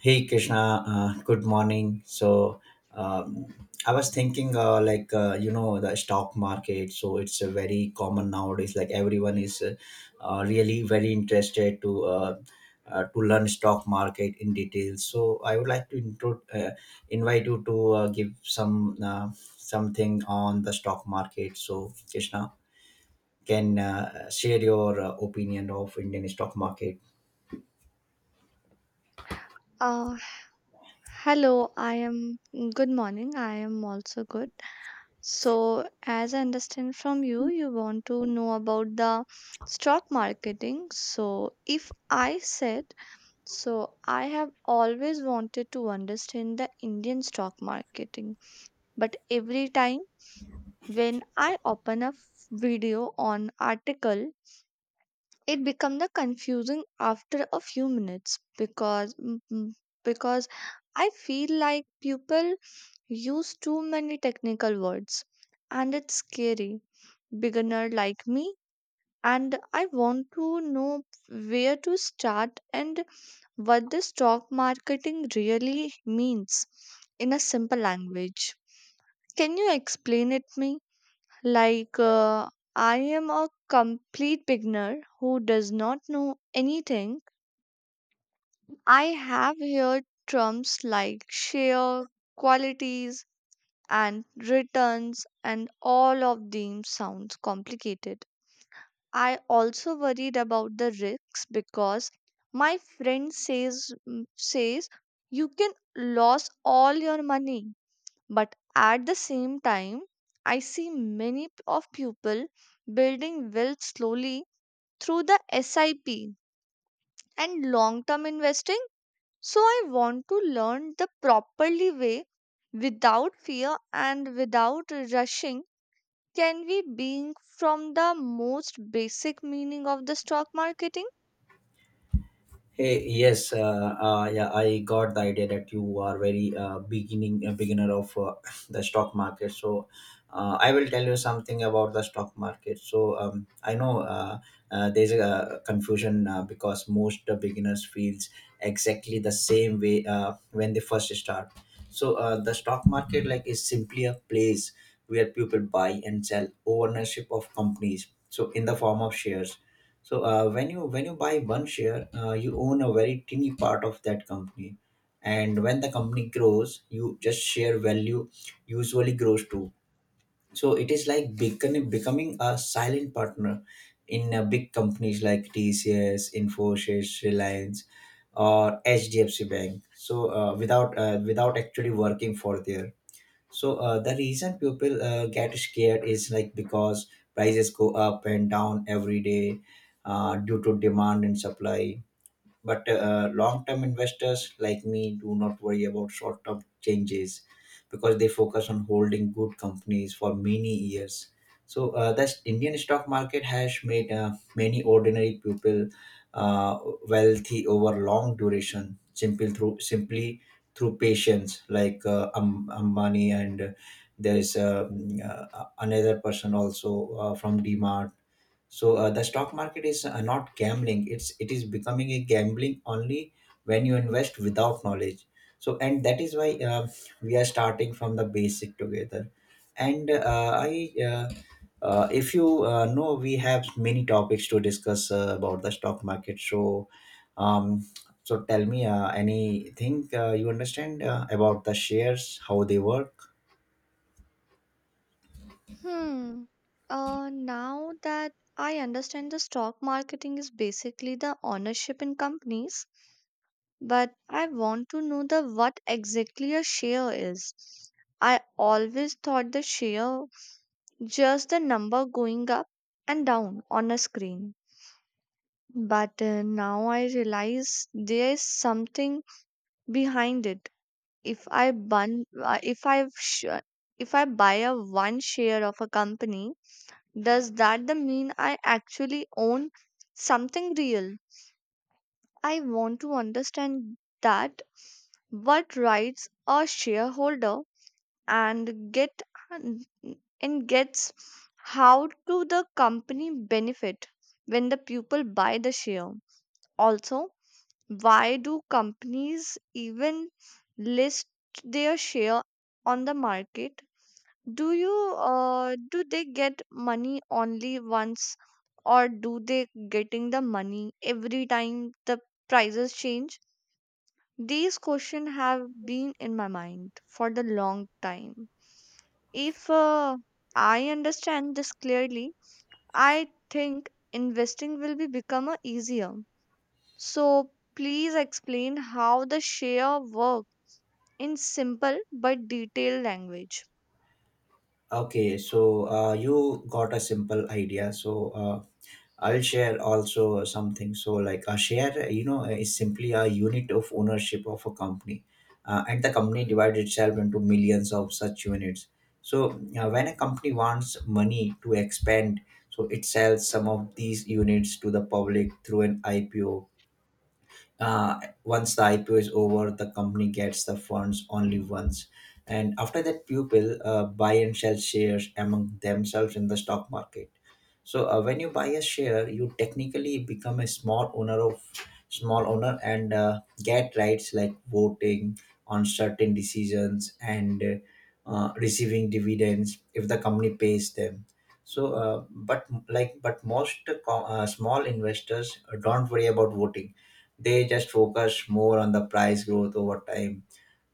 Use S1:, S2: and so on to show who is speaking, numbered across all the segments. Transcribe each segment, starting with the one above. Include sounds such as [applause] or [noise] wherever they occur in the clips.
S1: Hey Krishna, good morning. Um, I was thinking, the stock market. So it's very common nowadays. Like everyone is really very interested to learn stock market in detail. So I would like to invite you to give something on the stock market. So Krishna can share your opinion of Indian stock market.
S2: Uh, Hello, I am good morning. I am also good. So, as I understand from you, you want to know about the stock marketing. So, if I said so, I have always wanted to understand the Indian stock marketing, but every time when I open a video on article it become the confusing after a few minutes because I feel like people use too many technical words and it's scary beginner like me and I want to know where to start and what the stock marketing really means in a simple language can you explain it me like, I am a complete beginner who does not know anything. I have heard terms like share, qualities, and returns, and all of them sounds complicated. I also worried about the risks because my friend says you can lose all your money but at the same time I see many of people building wealth slowly through the sip and long term investing so I want to learn the properly way without fear and without rushing can we being from the most basic meaning of the stock marketing.
S1: Hey, yes, yeah, I got the idea that you are very beginning a beginner of [laughs] [sniffs] the stock market. So, I will tell you something about the stock market. So, I know there's a confusion because most beginners feels exactly the same way when they first start. So, the stock market like is simply a place where people buy and sell ownership of companies. So, in the form of shares so when you buy one share, you own a very tiny part of that company, and when the company grows, you just share value usually grows too. So it is like becoming a silent partner in big companies like TCS, Infosys, Reliance, or HDFC Bank. So without actually working for there. So the reason people get scared is like because prices go up and down every day due to demand and supply, but long term investors like me do not worry about short term changes because they focus on holding good companies for many years. So the Indian stock market has made many ordinary people uh, wealthy over long duration, simple through simply through patience, like Ambani, and there is another person also from D Mart. So the stock market is not gambling, it is becoming a gambling only when you invest without knowledge. And that is why we are starting from the basic together, and I if you know, we have many topics to discuss about the stock market. So um, so tell me anything you understand about the shares, how they work.
S2: Hmm. Now that I understand the stock marketing is basically the ownership in companies but I want to know the what exactly a share is. I always thought the share just the number going up and down on a screen. But now I realize there is something behind it. If I bun, if I sh- If I buy a one share of a company, does that the mean I actually own something real? I want to understand that what rights a shareholder and get and gets how do the company benefit when the people buy the share also why do companies even list their share on the market do you do they get money only once or do they getting the money every time the prices change. These questions have been in my mind for the long time. If I understand this clearly, I think investing will be become a easier. So please explain how the share work in simple but detailed language.
S1: Okay, so you got a simple idea, so I'll share also something. So, like a share, you know, is simply a unit of ownership of a company, and the company divides itself into millions of such units. So, when a company wants money to expand, so it sells some of these units to the public through an IPO. uh, Once the IPO is over, the company gets the funds only once. And after that, people buy and sell shares among themselves in the stock market. So when you buy a share, you technically become a small owner and get rights like voting on certain decisions and receiving dividends if the company pays them. So, but most small investors don't worry about voting. They just focus more on the price growth over time.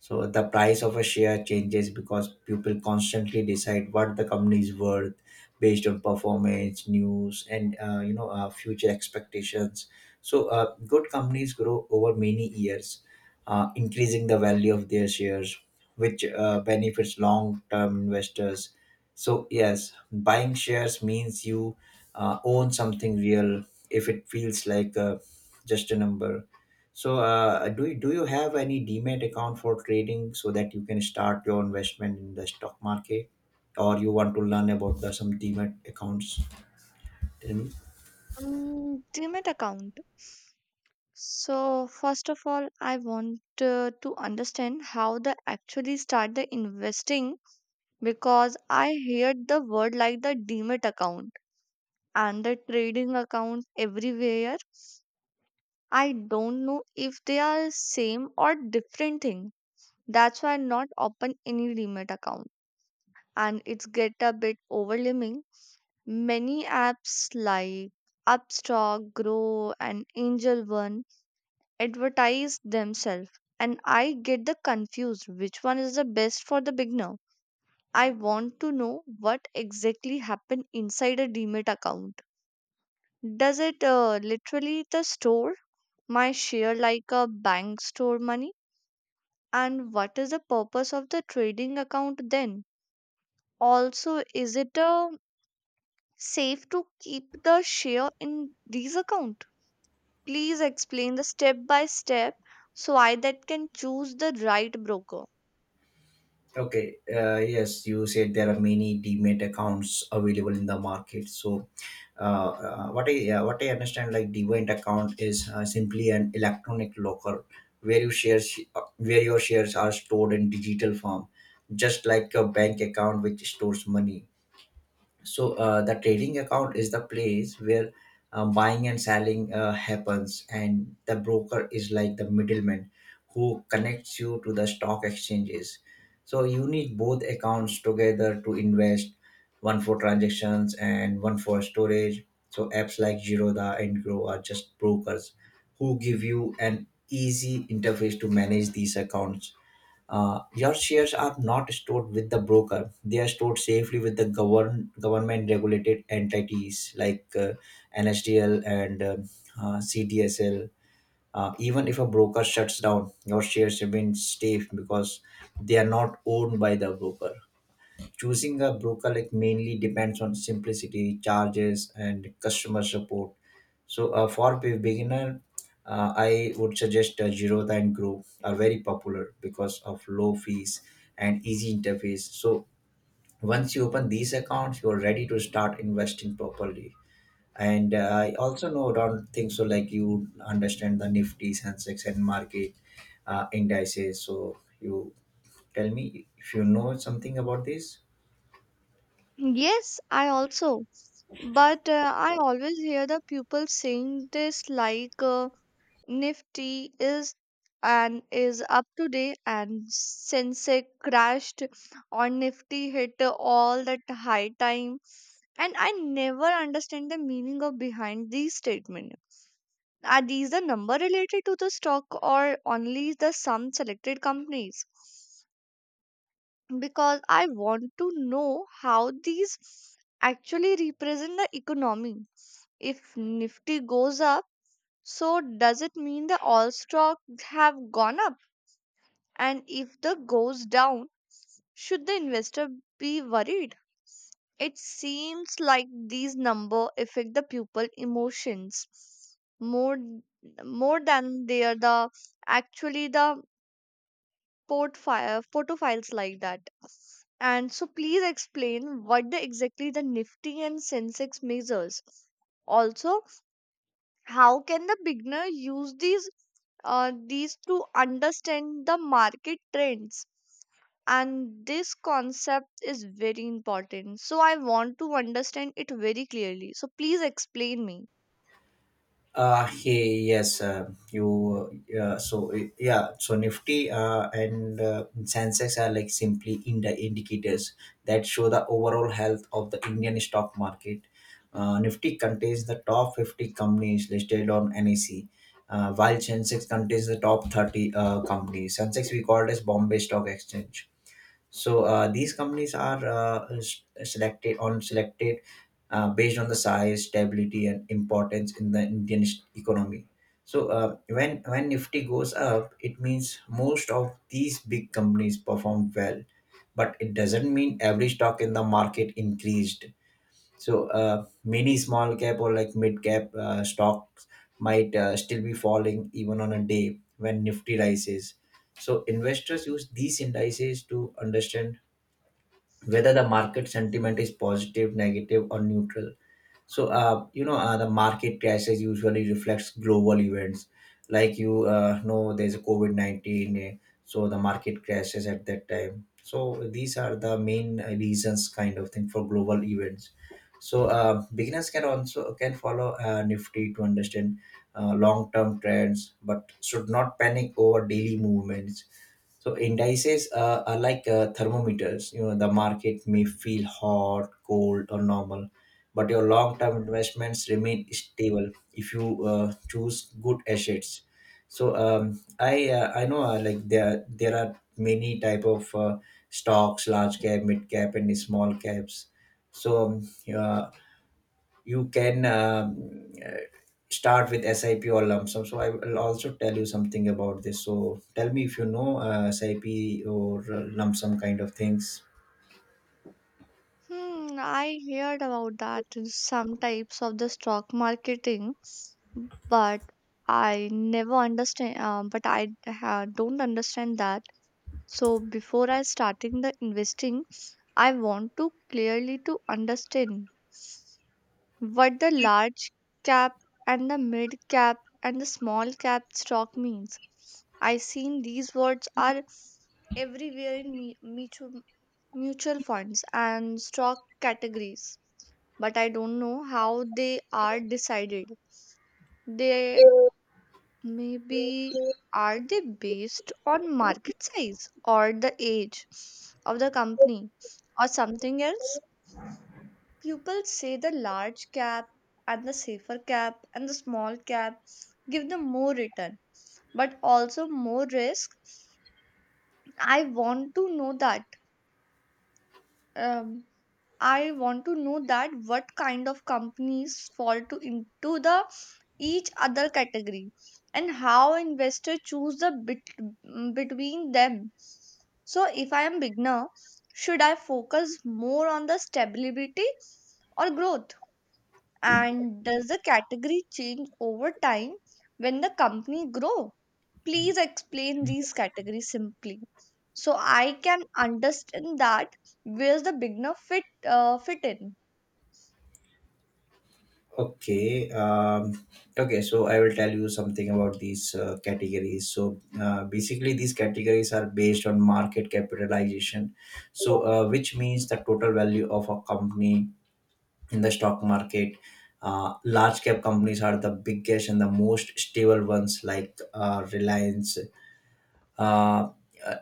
S1: So the price of a share changes because people constantly decide what the company is worth based on performance, news, and future expectations. So good companies grow over many years, increasing the value of their shares, which benefits long-term investors. So yes, buying shares means you own something real. If it feels like just a number. So, do you have any demat account for trading so that you can start your investment in the stock market, or you want to learn about the some demat accounts? Tell me.
S2: Mm, Demat account. So first of all, I want to understand how they actually start the investing because I heard the word like the Demat account and the trading accounts everywhere. I don't know if they are same or different thing. That's why I not open any Demat account and it's get a bit overwhelming. Many apps like Upstock, Grow and Angel One advertise themselves and I get the confused which one is the best for the beginner. I want to know what exactly happened inside a Demat account. Does it literally the store my share like a bank store money? And what is the purpose of the trading account then? Also, is it safe to keep the share in these account? Please explain the step by step so I that can choose the right broker.
S1: Okay. Yes, you said there are many demat accounts available in the market. So, what I understand, like demat account is simply an electronic locker where you shares where your shares are stored in digital form, just like a bank account which stores money. So the trading account is the place where buying and selling happens, and the broker is like the middleman who connects you to the stock exchanges. So you need both accounts together to invest, one for transactions and one for storage. So apps like Giroda and Grow are just brokers who give you an easy interface to manage these accounts. Your shares are not stored with the broker; they are stored safely with the government-regulated entities like NSDL and CDSL. Even if a broker shuts down, your shares remain safe because they are not owned by the broker. Choosing a broker like mainly depends on simplicity, charges, and customer support. So for beginner, I would suggest Jirotha and Groove are very popular because of low fees and easy interface. So once you open these accounts, you are ready to start investing properly. And I also know don't think so like you understand the Nifty, Sensex, and market indices. So you tell me if you know something about this.
S2: Yes, I also. But I always hear the people saying this like, Nifty is and is up today and Sensex crashed on Nifty hit all that high time and I never understand the meaning of behind these statement. Are these the number related to the stock or only the some selected companies? Because I want to know how these actually represent the economy. If Nifty goes up so does it mean the all stock have gone up? And if the goes down, should the investor be worried? It seems like these number affect the pupil emotions more more than they are the actually the portfolio photo files like that. And so please explain what the exactly the Nifty and Sensex measures. Also, how can the beginner use these to understand the market trends? And this concept is very important. So I want to understand it very clearly. So please explain me.
S1: Hey, yes, you so yeah, so nifty and sensex are like simply in the indicators that show the overall health of the indian stock market. Nifty contains the top 50 companies listed on nec, while sensex contains the top 30 companies. Sensex we call as bombay stock exchange. So these companies are selected based on the size, stability, and importance in the Indian economy. So when Nifty goes up, it means most of these big companies performed well, but it doesn't mean every stock in the market increased. So many small cap or like mid cap stocks might still be falling even on a day when Nifty rises. So investors use these indices to understand whether the market sentiment is positive, negative, or neutral. So, the market crashes usually reflects global events. Like you know, there's a COVID 19, so the market crashes at that time. So, these are the main reasons, kind of thing, for global events. So, beginners can also can follow Nifty to understand long-term trends, but should not panic over daily movements. So indices are like thermometers. You know, the market may feel hot, cold, or normal, but your long-term investments remain stable if you choose good assets. So I know like there are many type of stocks, large cap, mid cap, and small caps. So uh, you can start with SIP or lump sum. So I will also tell you something about this. So tell me if you know SIP or lump sum kind of things.
S2: Hmm, I heard about that in some types of the stock marketing, but I never understand. But don't understand that. So before I starting the investing, I want to clearly to understand what the large cap and the mid cap and the small cap stock means. I seen these words are everywhere in mutual funds and stock categories, but I don't know how they are decided. They maybe are they based on market size or the age of the company or something else? People say the large cap and the safer cap and the small cap give them more return, but also more risk. I want to know that. Um, I want to know that what kind of companies fall to into the each other category and how investor choose the between them. So if I am beginner, should I focus more on the stability or growth? And does the category change over time when the company grow? Please explain these categories simply so I can understand that where's the beginner fit in.
S1: Okay. Okay. So I will tell you something about these categories. So basically, these categories are based on market capitalization, so which means the total value of a company in the stock market. Large cap companies are the biggest and the most stable ones, like Reliance, uh,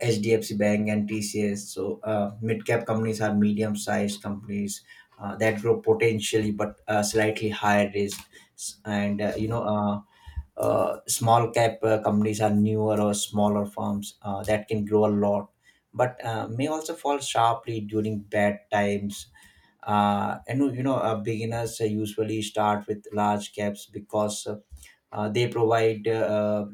S1: HDFC Bank, and TCS. So mid-cap companies are medium-sized companies that grow potentially but slightly higher risk. S- And uh, you know, uh, Small cap companies are newer or smaller firms that can grow a lot, but may also fall sharply during bad times. And you know, beginners usually start with large caps because they provide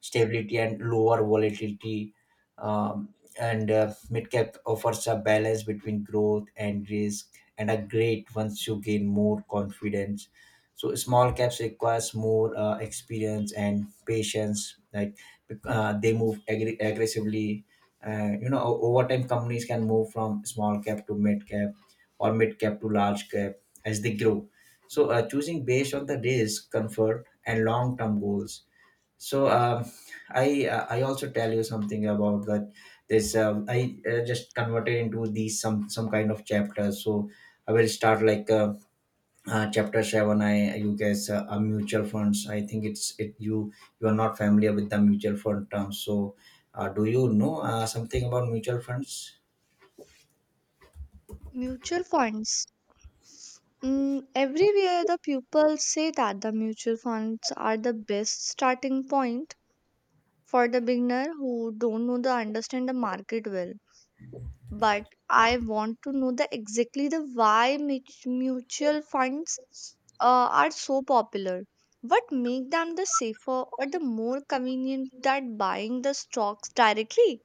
S1: stability and lower volatility, um, and mid cap offers a balance between growth and risk and are great once you gain more confidence. So small caps requires more experience and patience, like they move aggressively. You know, over time companies can move from small cap to mid cap or mid cap to large cap as they grow. So choosing based on the risk, comfort, and long term goals. So I also tell you something about that. This I just converted into these some kind of chapters. So I will start like. Chapter 7, I you guys are mutual funds, I think it's it you you are not familiar with the mutual fund term. So do you know something about mutual funds?
S2: Mutual funds. Mm, everywhere the people say that the mutual funds are the best starting point for the beginner who don't know the understand the market well but I want to know the exactly the why mutual funds uh, are so popular. What make them the safer or the more convenient than buying the stocks directly?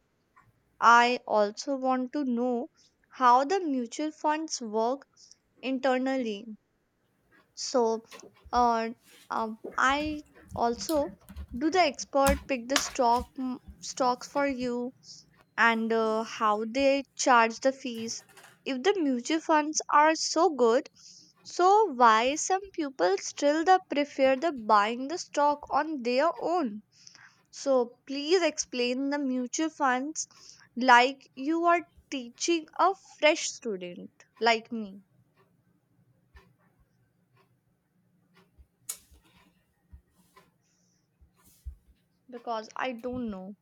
S2: I also want to know how the mutual funds work internally. So, uh, I also do the expert pick the stocks for you and how they charge the fees. If the mutual funds are so good, so why some people still the prefer the buying the stock on their own? So please explain the mutual funds like you are teaching a fresh student like me because I don't know.